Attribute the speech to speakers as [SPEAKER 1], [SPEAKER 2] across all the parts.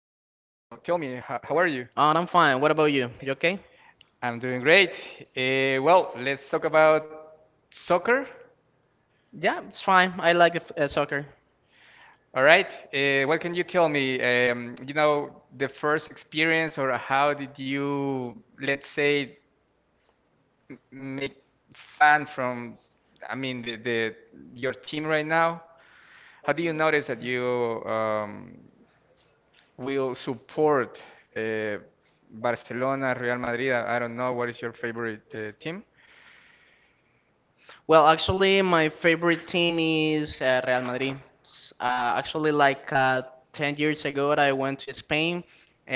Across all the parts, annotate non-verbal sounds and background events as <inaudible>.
[SPEAKER 1] how are you?
[SPEAKER 2] I'm fine. What about you? You okay?
[SPEAKER 1] I'm doing great. Let's talk about soccer.
[SPEAKER 2] Yeah, it's fine. I like soccer.
[SPEAKER 1] All right. What can you tell me? The first experience, or how did you, let's say, make fan from, I mean, the your team right now? How do you notice that you um, will support uh, Barcelona, Real Madrid? I don't know. What is your favorite team?
[SPEAKER 2] My favorite team is Real Madrid. S- actually, like 10 years ago, I went to Spain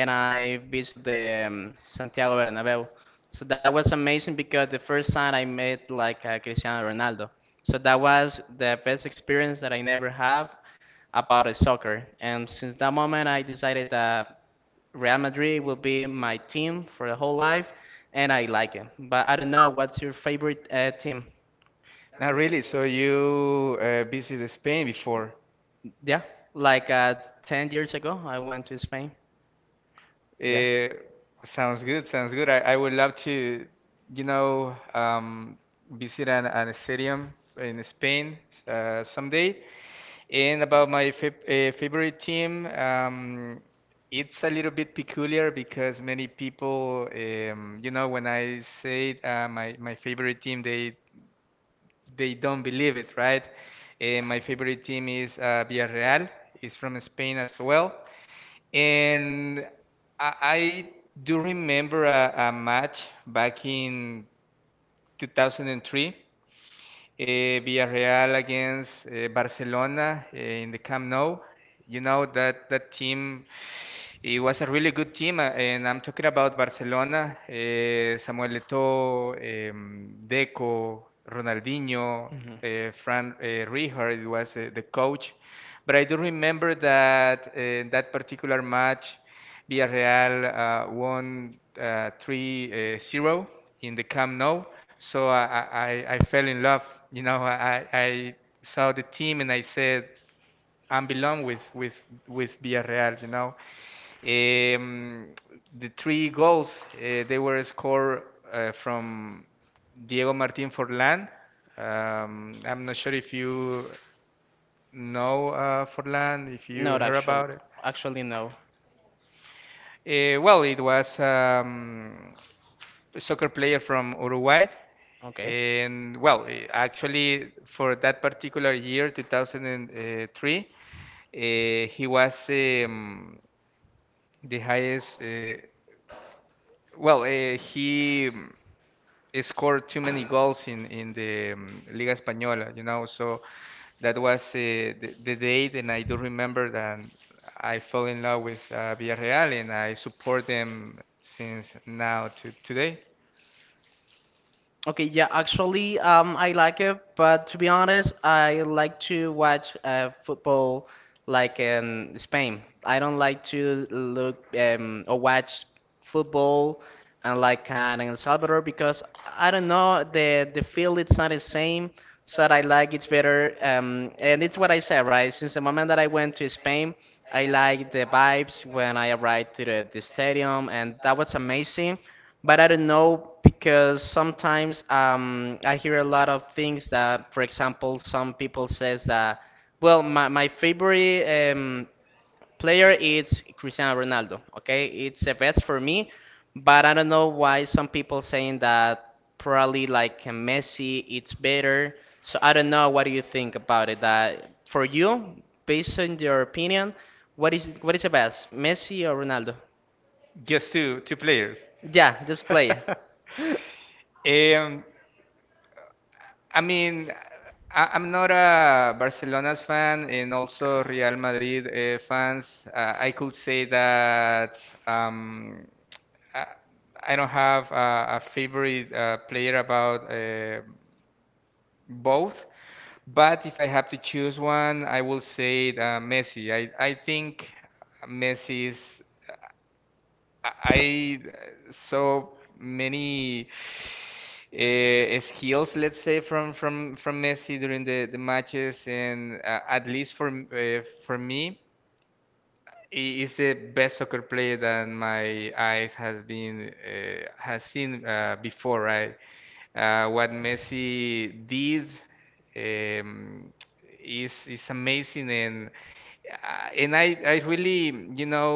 [SPEAKER 2] and I visited the Santiago Bernabeu. So that was amazing because the first time I met Cristiano Ronaldo. So that was the best experience that I never have about soccer. And since that moment, I decided that Real Madrid will be my team for the whole life, and I like it. But I don't know what's your favorite team.
[SPEAKER 1] Not really. So you visited Spain before.
[SPEAKER 2] Yeah, like uh, 10 years ago, I went to Spain. Yeah.
[SPEAKER 1] Uh, sounds good. Sounds good. I would love to, you know, um, visit an stadium in Spain someday. And about my favorite team, it's a little bit peculiar because many people, when I say my favorite team, they don't believe it, right? And my favorite team is Villarreal. It's from Spain as well. And I do remember a match back in 2003, Villarreal against Barcelona in the Camp Nou. You know that that team it was a really good team, and I'm talking about Barcelona, Samuel Eto'o, Deco, Ronaldinho,
[SPEAKER 2] Mhm.
[SPEAKER 1] Fran Rijkaard was the coach. But I do remember that that particular match, Villarreal won 3-0 in the Camp Nou. So I fell in love. You know, I saw the team and I said, and belong with with Villarreal. You know, um, the three goals they were scored from Diego Martin Forlan. I'm not sure if you know Forlan, if you
[SPEAKER 2] Not
[SPEAKER 1] heard
[SPEAKER 2] actually,
[SPEAKER 1] about it.
[SPEAKER 2] actually no.
[SPEAKER 1] It was a soccer player from Uruguay.
[SPEAKER 2] Okay.
[SPEAKER 1] And well, eh, actually, for that particular year, 2003, he was the highest, he scored too many goals in the Liga Española, you know. So that was the, the date, and I do remember that I fell in love with Villarreal, and I support them since now to today.
[SPEAKER 2] Okay, yeah, actually, I like it, but to be honest, I like to watch football like in Spain. I don't like to look or watch football and in El Salvador because I don't know the feel it's not the same. So I like it's better, and it's what I said, right? Since the moment that I went to Spain, I like the vibes when I arrived to the stadium, and that was amazing. But I don't know because sometimes I hear a lot of things that, for example, some people says that, well, my favorite player is Cristiano Ronaldo. Okay, it's the best for me, but I don't know why some people saying that probably like Messi it's better. So I don't know. What do you think about it? That for you, based on your opinion, what is the best, Messi or Ronaldo?
[SPEAKER 1] Just two players.
[SPEAKER 2] Yeah, this player.
[SPEAKER 1] <laughs> Um, I mean, I'm not a Barcelona's fan and also Real Madrid fans. I could say that um, I, I don't have a favorite player about both. But if I have to choose one, I will say Messi. I think Messi is I saw many skills, let's say, from Messi during the matches, and at least for for me. He is the best soccer player that my eyes has been has seen before, right? What Messi did um, is amazing, and I really you know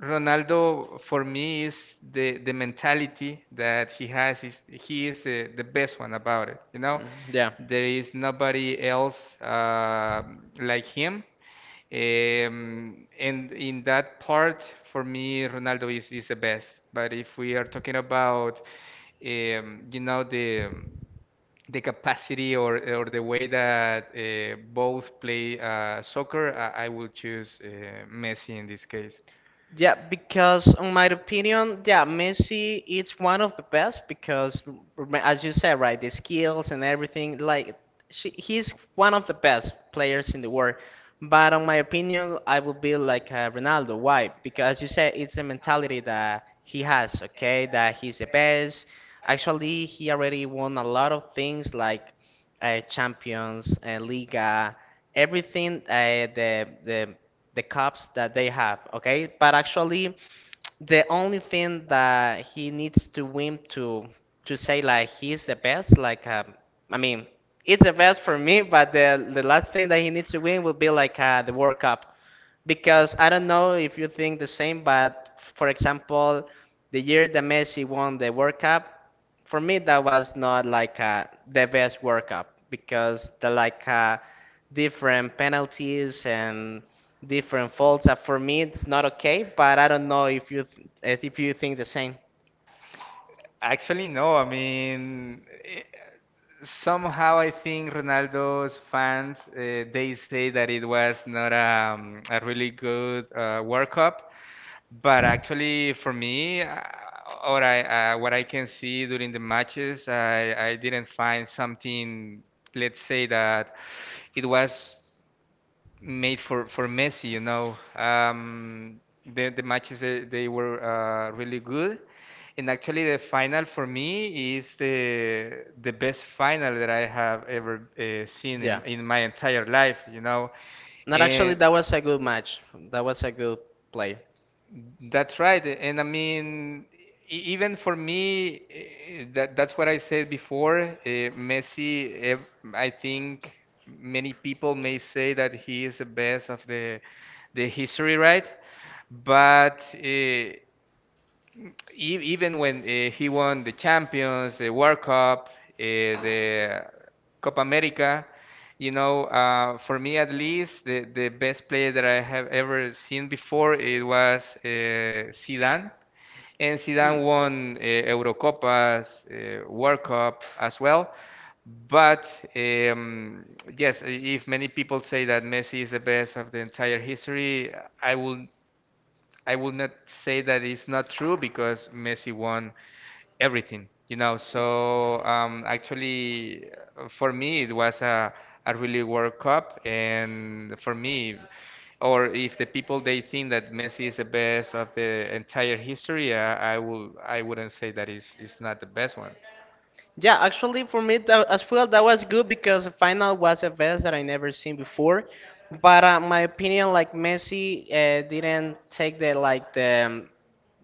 [SPEAKER 1] Ronaldo for me is the mentality that he has is he is the best one about it, you know.
[SPEAKER 2] Yeah.
[SPEAKER 1] There is nobody else like him and in that part, for me, Ronaldo is the best. But if we are talking about, you know, the capacity or the way that both play soccer, I will choose Messi in this case.
[SPEAKER 2] Yeah, because in my opinion, yeah, Messi is one of the best because, as you said, right, the skills and everything, like he's one of the best players in the world. But on my opinion, I would be Ronaldo. Why? Because as you said, it's the mentality that he has. Okay, that he's the best. Actually, he already won a lot of things Champions, Liga, everything. The cups that they have, okay? But actually, the only thing that he needs to win to say like he's the best, like I mean, it's the best for me. But the last thing that he needs to win will be the World Cup, because I don't know if you think the same, but for example, the year that Messi won the World Cup, for me that was not the best workup because the different penalties and different faults for me it's not okay but I don't know if you if you think the same
[SPEAKER 1] Actually, no. I mean, eh, somehow I think Ronaldo's fans they say that it was not a really good World Cup, but actually, for me, what I can see during the matches, I didn't find something, let's say that it was made for Messi, you know. The matches, they were really good. And actually, the final for me is the best final that I have ever seen
[SPEAKER 2] yeah
[SPEAKER 1] in my entire life, you know.
[SPEAKER 2] not actually
[SPEAKER 1] And
[SPEAKER 2] that was a good match that was a good play.
[SPEAKER 1] that's right. And I mean, even for me, that's what I said before. Messi, I think many people may say that he is the best of the history, right? But even when he won the Champions, the World Cup, the Copa America, you know, for me at least, the best player that I have ever seen before it was Zidane. And Zidane won Eurocopas, World Cup as well. But um, yes, if many people say that Messi is the best of the entire history, I will I will not say that it's not true because Messi won everything, you know. So actually, for me, it was a really World Cup, and for me, or if the people they think that Messi is the best of the entire history, I wouldn't say that is not the best one.
[SPEAKER 2] Yeah, actually, for me that, as well, that was good because the final was a best that I never seen before. But my opinion, like Messi, didn't take the like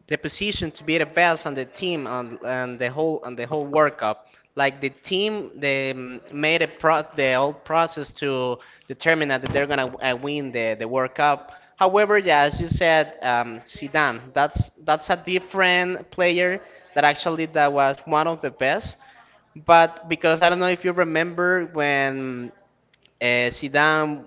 [SPEAKER 2] the position to be the best on the team and and the whole World Cup. Like the team, they made a pro the whole process to determine that they're gonna win the World Cup. However, yeah, as you said, Zidane, that's a different player that actually that was one of the best. But because I don't know if you remember when Zidane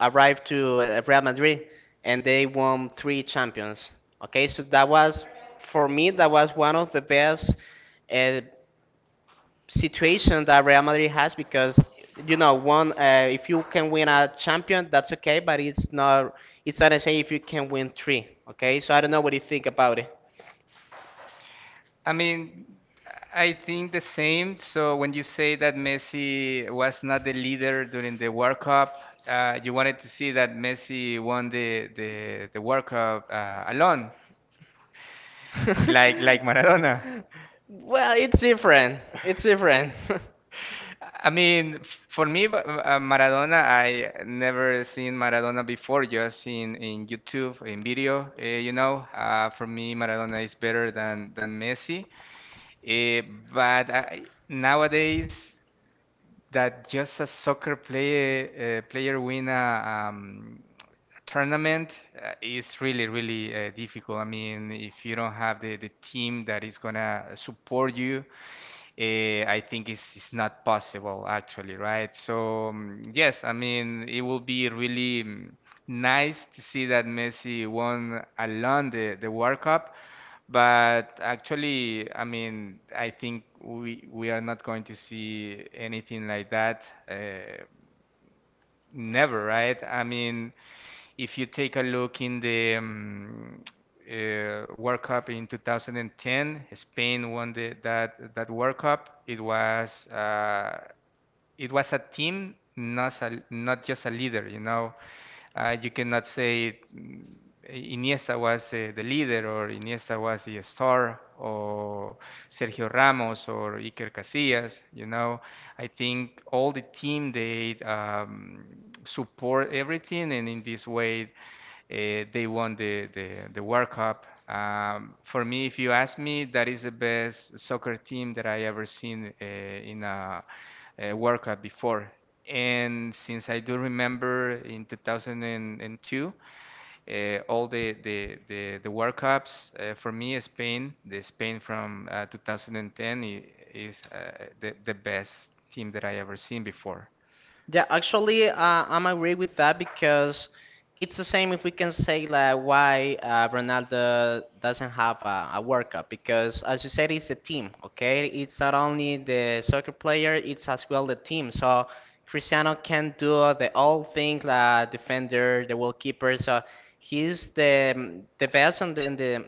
[SPEAKER 2] arrived to Real Madrid and they won three champions. Okay, so that was, for me, that was one of the best uh, situation that Real Madrid has because, you know, one, if you can win a champion, that's okay, but it's not the same if you can win three. Okay, so I don't know what you think about it.
[SPEAKER 1] I mean, I think the same. So when you say that Messi was not the leader during the World Cup, you wanted to see that Messi won the World Cup alone, like
[SPEAKER 2] <laughs>
[SPEAKER 1] like Maradona.
[SPEAKER 2] Well, it's different. It's different. <laughs>
[SPEAKER 1] I mean, for me, but, Maradona, I never seen Maradona before, just in YouTube, in video, you know. For me, Maradona is better than Messi. Uh, but I, nowadays, that just a soccer player player win a tournament is really difficult. I mean, if you don't have the team that is gonna support you, eh, I think it's not possible actually, right? So yes, I mean it will be really mm, nice to see that Messi won alone the World Cup, but actually, I mean I think we are not going to see anything like that. Uh, Never, right? I mean, if you take a look in the World Cup in 2010, Spain won the, that that World Cup. It was a team, not not just a leader. You know, you cannot say mm, Iniesta was the leader or Iniesta was the star or Sergio Ramos or Iker Casillas. You know, I think all the team they support everything, and in this way they won the World Cup. For me, if you ask me, that is the best soccer team that I ever seen in a work at before. And since I do remember in 2002, uh, all the World Cups for me, Spain, the Spain from 2010 is the best team that I ever seen before.
[SPEAKER 2] Yeah, actually, I'm agree with that because it's the same if we can say like why Ronaldo doesn't have a World Cup because as you said, it's a team, okay? It's not only the soccer player, it's as well the team. So Cristiano can do the all things, like defender, the goalkeeper. So he's the best in the in the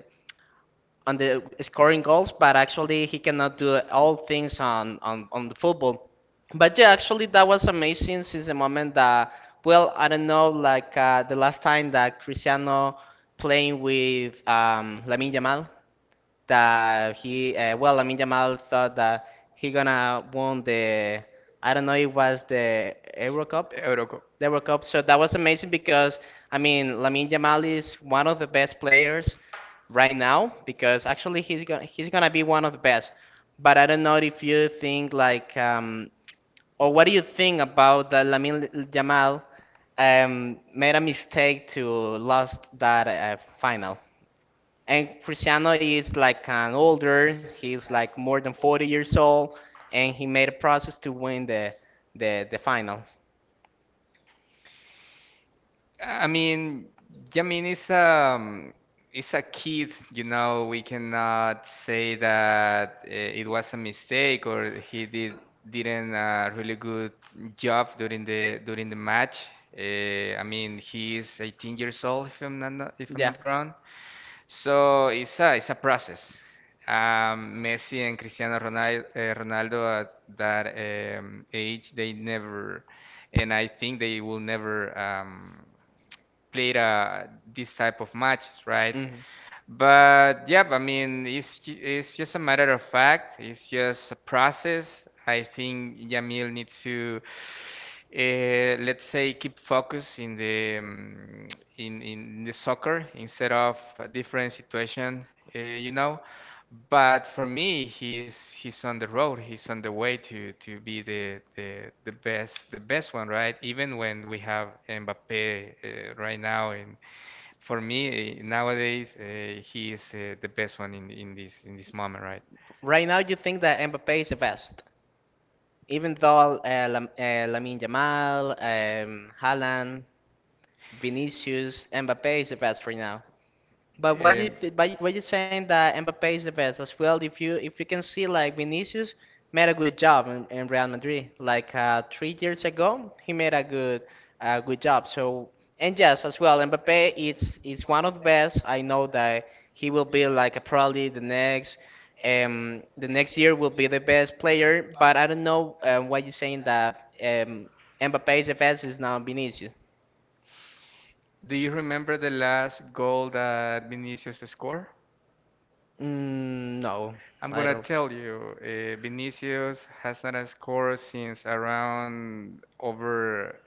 [SPEAKER 2] on the scoring goals, but actually he cannot do all things on the football. But yeah, actually that was amazing since the moment that well, I don't know, the last time that Cristiano playing with Lamine Yamal, that he Lamin Yamal thought that he gonna won the I don't know it was
[SPEAKER 1] Eurocup.
[SPEAKER 2] the Euro Cup so that was amazing because I mean Lamin Yamal is one of the best players right now because actually he's gonna be one of the best but I don't know if you think or what do you think about that Lamin Yamal made a mistake to lost that final and Cristiano is like an older, he's like more than 40 years old, and he made a process to win the final.
[SPEAKER 1] I mean, yeah, I mean, it's a kid, you know, we cannot say that it was a mistake or he didn't a really good job during the match. I mean, he is 18 years old if I'm
[SPEAKER 2] Yeah.
[SPEAKER 1] not wrong. So it's a process. Messi and Cristiano Ronaldo, Ronaldo at that age, they never, and I think they will never. Played this type of matches, right?
[SPEAKER 2] Mhm.
[SPEAKER 1] But yeah, I mean, it's just a matter of fact. It's just a process. I think Yamil needs to, let's say, keep focus in the soccer instead of a different situation, you know. But for me, he's on the road. He's on the way to be the best the best one, right? Even when we have Mbappe right now, and for me nowadays he is the best one in this moment, right?
[SPEAKER 2] Right now, you think that Mbappe is the best, even though Lamine Yamal, Haaland, Vinicius, Mbappe is the best right now. But why
[SPEAKER 1] Um,
[SPEAKER 2] you th why you saying that Mbappe is the best as well? If you can see like Vinicius made a good job in Real Madrid 3 years ago, he made a good good job. So and yes as well, Mbappe is one of the best. I know that he will be like a, probably the next year will be the best player. But I don't know why you saying that Mbappe is the best is now Vinicius.
[SPEAKER 1] do you remember the last goal that Vinicius scored?
[SPEAKER 2] Mm, no,
[SPEAKER 1] I'm
[SPEAKER 2] I
[SPEAKER 1] gonna
[SPEAKER 2] don't.
[SPEAKER 1] tell you, Vinicius has not scored since around over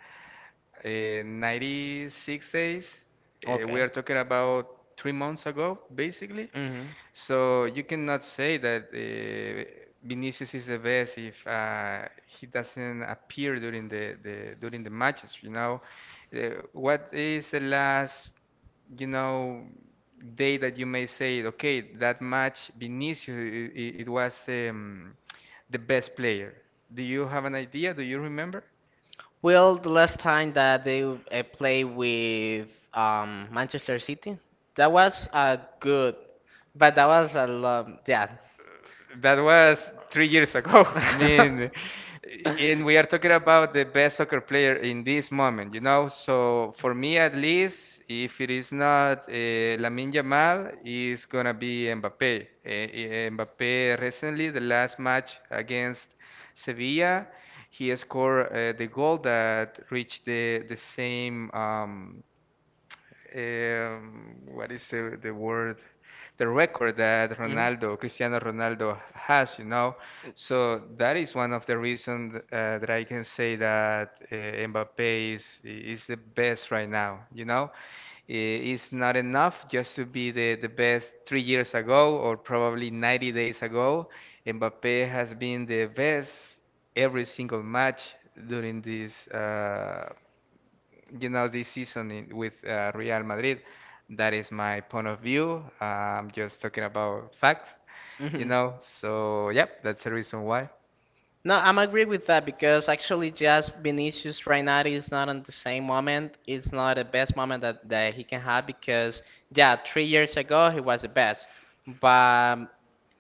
[SPEAKER 1] 96 days. We
[SPEAKER 2] Okay.
[SPEAKER 1] are talking about 3 months ago, basically.
[SPEAKER 2] Hmm.
[SPEAKER 1] So you cannot say that Vinicius is the best if he doesn't appear during the during the matches. You know, what is the last, you know, day that you may say, okay, that match Vinicius, it was the best player. Do you have an idea? Do you remember?
[SPEAKER 2] Well, the last time that they played with Manchester City, that was a good, but that was a lot. Yeah.
[SPEAKER 1] That was 3 years ago. <laughs> I mean,
[SPEAKER 2] <laughs>
[SPEAKER 1] and we are talking about the best soccer player in this moment, you know. So for me, at least, if it is not Lamine Yamal, it's gonna be Mbappe. Mbappe recently, the last match against Sevilla, he scored the goal that reached the same. What is the word, the record that
[SPEAKER 2] Mhm.
[SPEAKER 1] Ronaldo, Cristiano Ronaldo has, you know. So that is one of the reasons that I can say that Mbappe is the best right now, you know. It's not enough just to be the best 3 years ago or probably 90 days ago. Mbappe has been the best every single match during this you know, this season in, with Real Madrid. That is my point of view. I'm just talking about facts, you
[SPEAKER 2] Mhm.
[SPEAKER 1] know. So, yep, that's the reason why.
[SPEAKER 2] No, I'm agree with that because actually just Vinicius right now is not on the same moment. It's not the best moment that, that he can have because yeah, 3 years ago he was the best. But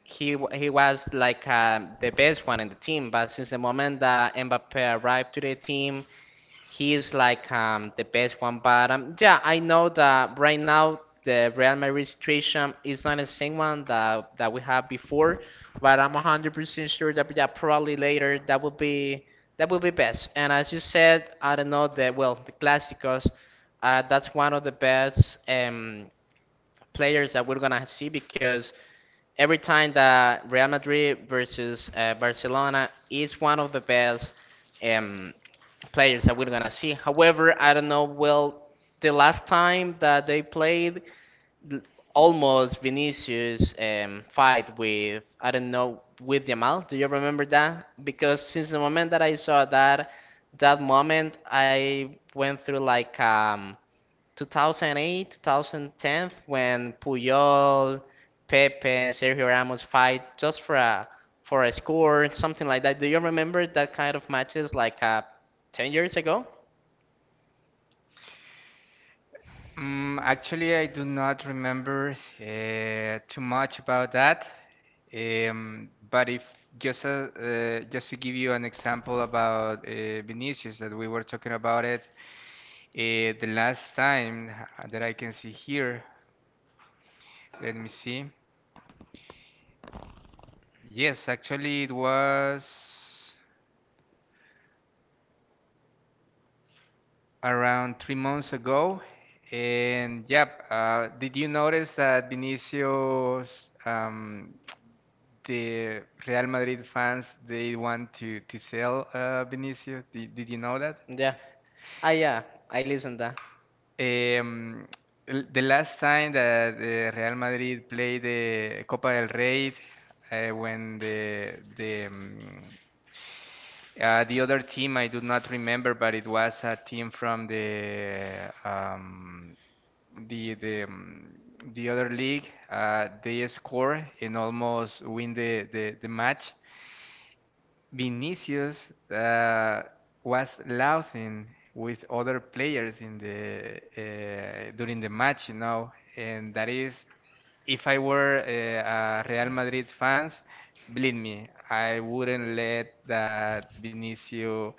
[SPEAKER 2] he he was the best one in the team. But since the moment that Mbappe arrived to the team, he is like the best one. But yeah, I know that right now the Real Madrid situation is not the same one that we had before. But I'm 100% sure that yeah, probably later that will be best. And as you said, I don't know the well the Clásicos. That's one of the best players that we're gonna see because every time that Real Madrid versus Barcelona is one of the best um, players that we're gonna see. However, I don't know. Well, the last time that they played, l- almost Vinicius fight with I don't know with Yamal. Do you remember that? Because since the moment that I saw that that moment, I went through 2008, 2010, when Puyol, Pepe, and Sergio Ramos fight just for a score, something like that. Do you remember that kind of matches 10 years ago?
[SPEAKER 1] Mm, actually, I do not remember too much about that. But if just just to give you an example about Vinicius that we were talking about it the last time that I can see here, let me see. Yes, actually it was. Around 3 months ago. And yeah, did you notice that Vinicius, the Real Madrid fans, they want to sell Vinicius? Did you know that?
[SPEAKER 2] Yeah. Ah, yeah. I listened that.
[SPEAKER 1] Um, the last time that Real Madrid played the Copa del Rey, when the other team I do not remember, but it was a team from the the um, the other league. They score and almost win the match. Vinicius was laughing with other players in the during the match, you know, and that is if I were a Real Madrid fans, believe me, I wouldn't let that Vinicius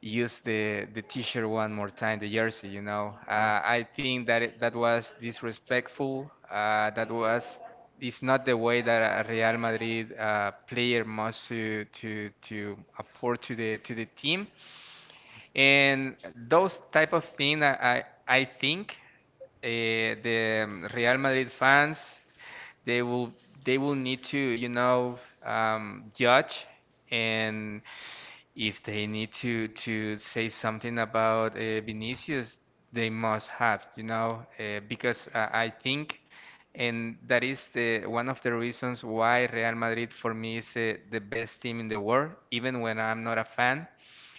[SPEAKER 1] use the t-shirt one more time, the jersey, you know.
[SPEAKER 2] Ah.
[SPEAKER 1] I think that was disrespectful. That was it's not the way that a Real Madrid player must to afford to the team. And those type of thing, I think the Real Madrid fans they will they will need to, you know, judge and if they need to say something about Vinicius they must have, you know, because I think and that is the one of the reasons why Real Madrid for me is the best team in the world even when I'm not a fan.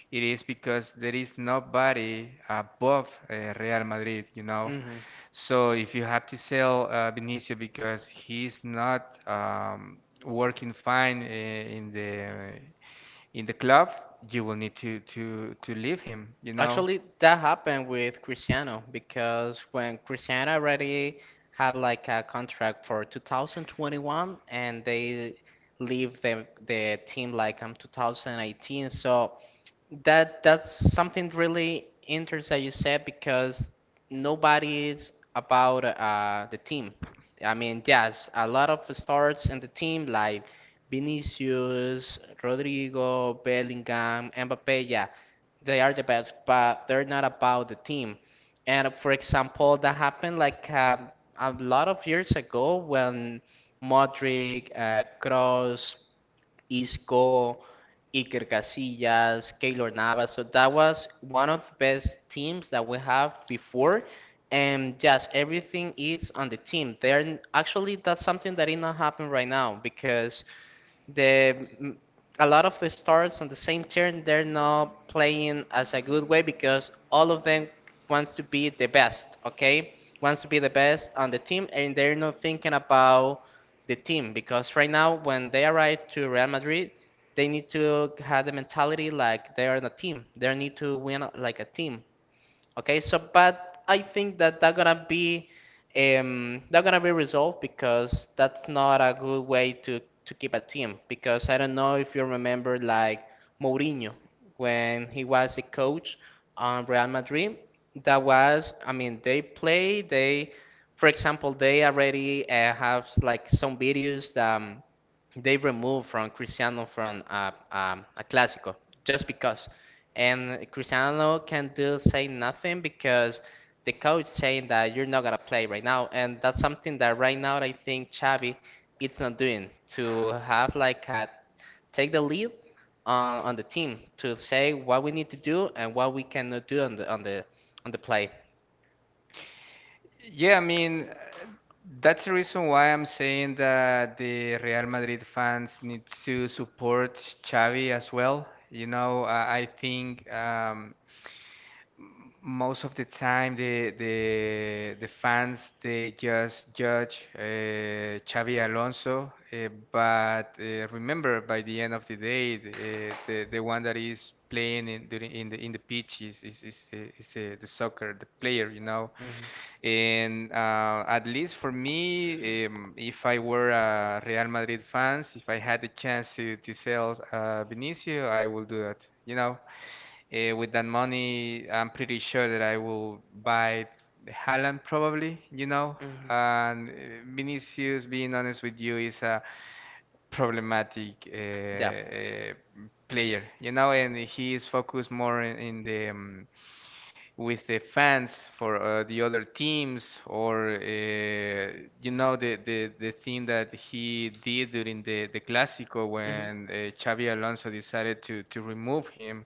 [SPEAKER 1] It is because there is nobody above Real Madrid, you know. So if you have to sell Vinicius because he's not working fine in the in the club, you will need to leave him, you know.
[SPEAKER 2] Actually, that happened with Cristiano because when Cristiano already had like a contract for 2021 and they leave the team 2018, so that that's something really interesting that you said because nobody is about the team. I mean, yes, a lot of stars in the team like Vinicius, Rodrigo, Bellingham, Mbappe, yeah they are the best, but they're not about the team. And for example, that happened a lot of years ago when Modric, Kroos, Isco, Iker Casillas, Keylor Navas. So that was one of the best teams that we have before. And yes, everything is on the team. They're actually that's something that is not happening right now because the mm, a lot of the stars on the same turn they're not playing as a good way because all of them wants to be the best okay wants to be the best on the team and they're not thinking about the team because right now when they arrive to real madrid they need to have the mentality like they are the team they need to win like a team. Okay, so but I think that that gonna be resolved because that's not a good way to keep a team because I don't know if you remember like Mourinho when he was the coach on Real Madrid. That was I mean they play they for example they already have like some videos that they removed from Cristiano from a Clásico just because. And Cristiano can do say nothing because the coach saying that you're not gonna play right now, and that's something that right now I think Xavi it's not doing to have like a take the lead on the team to say what we need to do and what we cannot do on the on the play.
[SPEAKER 1] Yeah, I mean, that's the reason why I'm saying that the Real Madrid fans need to support Xavi as well. You know, I think most of the time the fans they just judge Xavi Alonso, but remember by the end of the day, the one that is playing in during in the pitch is the soccer, the player, you know.
[SPEAKER 2] Mhm.
[SPEAKER 1] And at least for me, if I were a Real Madrid fans, if I had the chance to sell Vinicius, I will do that. You know, with that money, I'm pretty sure that I will buy Haaland probably, you know.
[SPEAKER 2] Mhm.
[SPEAKER 1] And Vinicius, being honest with you, is a problematic player, you know, and he is focused more in the with the fans for the other teams or you know the thing that he did during the Clásico when Xavi Alonso decided to remove him,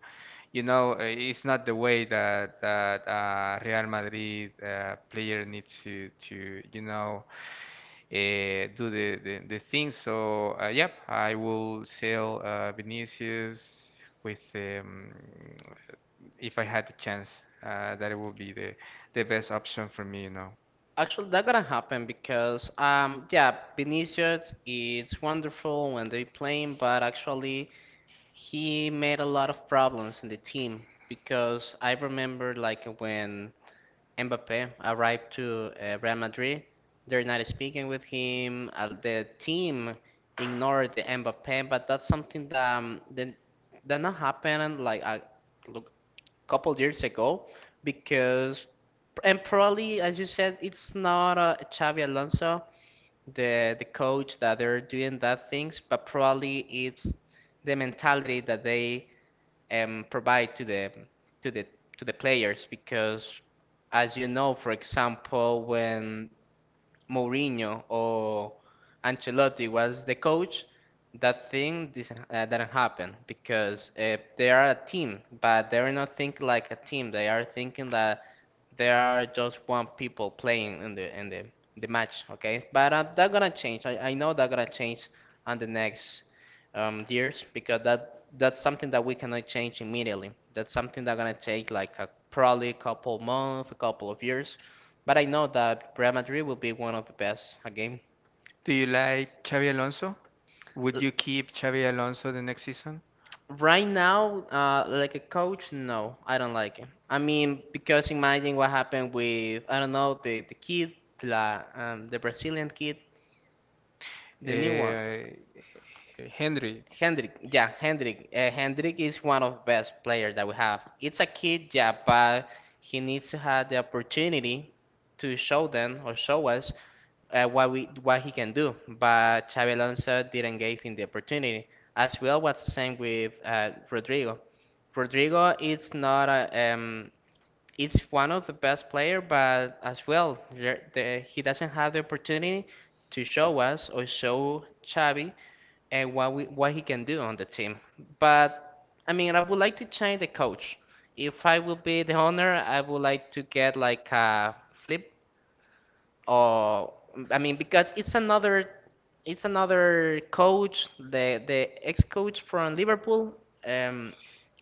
[SPEAKER 1] you know, it's not the way that Real Madrid player needs to, you know, do the thing. So yep, I will sell Vinicius with, if I had the chance, that it would be the best option for me, you know.
[SPEAKER 2] Actually, that gonna happen because yeah, Vinicius is wonderful when they playing, but actually he made a lot of problems in the team because I remember like when Mbappe arrived to Real Madrid, they're not speaking with him. The team ignored the Mbappe, but that's something that that not happened like a look, couple years ago because and probably as you said, it's not Xavi Alonso, the coach that they're doing that things, but probably it's the mentality that they provide to the to the to the players because as you know, for example, when Mourinho or Ancelotti was the coach, that thing didn't happen because they are a team, but they're not thinking like a team. They are thinking that there are just one people playing in the the match. Okay, but that's gonna change. I know that's gonna change on the next years because that's something that we cannot change immediately. That's something that's gonna take like a, probably a couple months, a couple of years, but I know that Real Madrid will be one of the best again.
[SPEAKER 1] Do you like Xavi Alonso? Would you keep Xavi Alonso the next season?
[SPEAKER 2] Right now, like a coach, no, I don't like him. I mean, because imagine what happened with I don't know the kid, the Brazilian kid, the new one.
[SPEAKER 1] Uh, Henry,
[SPEAKER 2] Hendrik, yeah, Hendrik. Hendrik is one of best players that we have. It's a kid, yeah, but he needs to have the opportunity to show them or show us what we what he can do. But Xabi Alonso didn't give him the opportunity. As well, what's the same with Rodrigo? Rodrigo is not a, it's one of the best player, but as well, he doesn't have the opportunity to show us or show Xavi and what we, what he can do on the team. But I mean, I would like to change the coach. If I will be the owner, I would like to get like a flip or I mean because it's another coach, the ex-coach from Liverpool, um,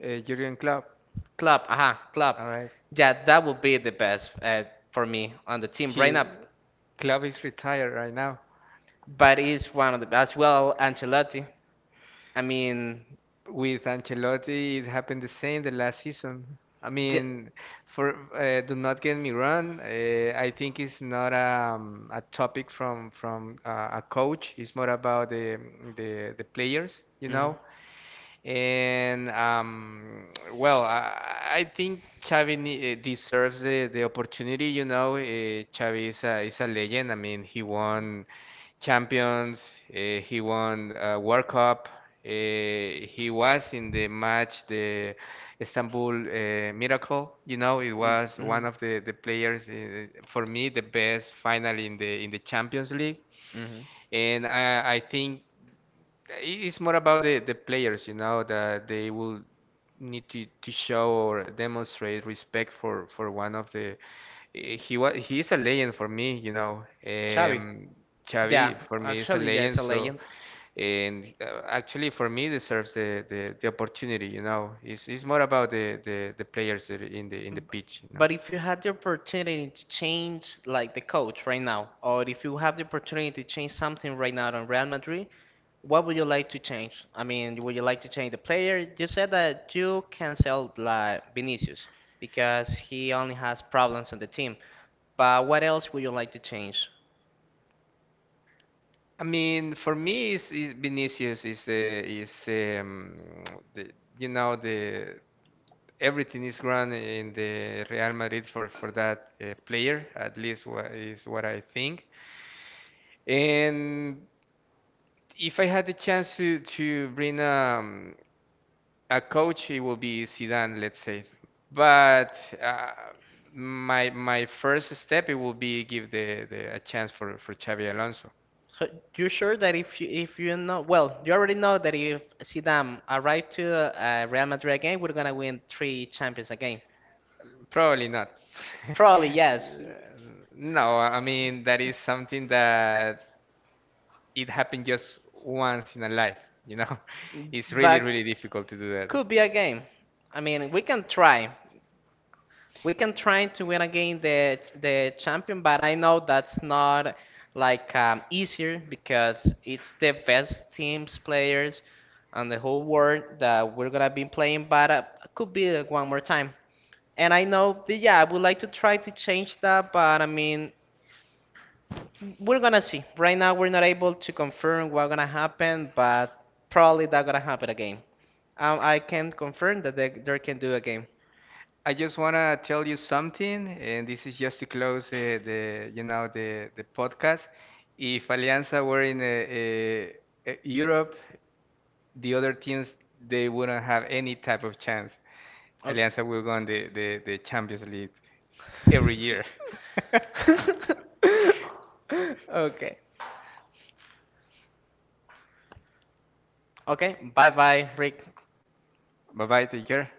[SPEAKER 1] Jurgen Klopp.
[SPEAKER 2] club, aha, club.
[SPEAKER 1] All right. Yeah,
[SPEAKER 2] Yeah,
[SPEAKER 1] that
[SPEAKER 2] that would
[SPEAKER 1] would be
[SPEAKER 2] be the
[SPEAKER 1] the
[SPEAKER 2] best
[SPEAKER 1] best
[SPEAKER 2] for
[SPEAKER 1] for
[SPEAKER 2] me
[SPEAKER 1] me
[SPEAKER 2] on
[SPEAKER 1] on
[SPEAKER 2] the
[SPEAKER 1] the team.
[SPEAKER 2] team right
[SPEAKER 1] He
[SPEAKER 2] now.
[SPEAKER 1] right now, Klopp is retired right now.
[SPEAKER 2] But it's one of the as well Ancelotti. I mean,
[SPEAKER 1] With Ancelotti, it happened the same the last season. I
[SPEAKER 2] J-
[SPEAKER 1] mean, for do not get me wrong, I think it's not a topic from a coach. It's more about the players, you
[SPEAKER 2] Mhm.
[SPEAKER 1] know. And well, I think Xavi deserves the opportunity. You know, Xavi is is a legend. I mean, he won Champions, he won World Cup. Uh, he was in the match, the Istanbul Miracle. You know, it
[SPEAKER 2] Mm,
[SPEAKER 1] was
[SPEAKER 2] mhm.
[SPEAKER 1] one of the players, for me, the best final in the Champions League.
[SPEAKER 2] Mhm.
[SPEAKER 1] And I it's more about the players, you know, that they will need to show or demonstrate respect for one of the. He is a legend for me, you know.
[SPEAKER 2] Xavi. Yeah,
[SPEAKER 1] Xavi for me is a
[SPEAKER 2] actually, yeah,
[SPEAKER 1] legend,
[SPEAKER 2] it's a
[SPEAKER 1] so
[SPEAKER 2] legend.
[SPEAKER 1] and actually for me deserves the opportunity, you know. It's more about the players that are in the pitch, you know.
[SPEAKER 2] But if you had the opportunity to change like the coach right now, or if you have the opportunity to change something right now on Real Madrid, what would you like to change? I mean, would you like to change the player? You said that you canceled like Vinicius because he only has problems on the team. But what else would you like to change?
[SPEAKER 1] I mean, for me, is Vinicius is the you know the everything is run in the Real Madrid for that player. At least what is what I think. And if I had the chance to bring a coach, it will be Zidane, let's say. But uh, my first step it will be give the a chance for Xavi Alonso.
[SPEAKER 2] So you're sure that if you know well, you already know that if Zidane arrived to Real Madrid again, we're gonna win three Champions again.
[SPEAKER 1] Probably not. <laughs>
[SPEAKER 2] Probably yes,
[SPEAKER 1] No, I mean that is something that it happened just once in a life, you know. <laughs> It's really,
[SPEAKER 2] but
[SPEAKER 1] really difficult to do that.
[SPEAKER 2] could be a game. I mean, we can try. We can try to win again the champion, but I know that's not like easier because it's the best teams players on the whole world that we're gonna be playing. But could be one more time. And I know, that, yeah, I would like to try to change that, but I mean, we're gonna see. Right now, we're not able to confirm what's gonna happen, but probably that's gonna happen again. I can confirm that they can do a game.
[SPEAKER 1] I just wanna tell you something, and this is just to close the you know the podcast. If Alianza were in Europe, the other teams they wouldn't have any type of chance.
[SPEAKER 2] Okay.
[SPEAKER 1] Alianza will go on the Champions League every year. <laughs>
[SPEAKER 2] <laughs> Okay. Okay. Bye bye, Rick.
[SPEAKER 1] Bye bye. Take care.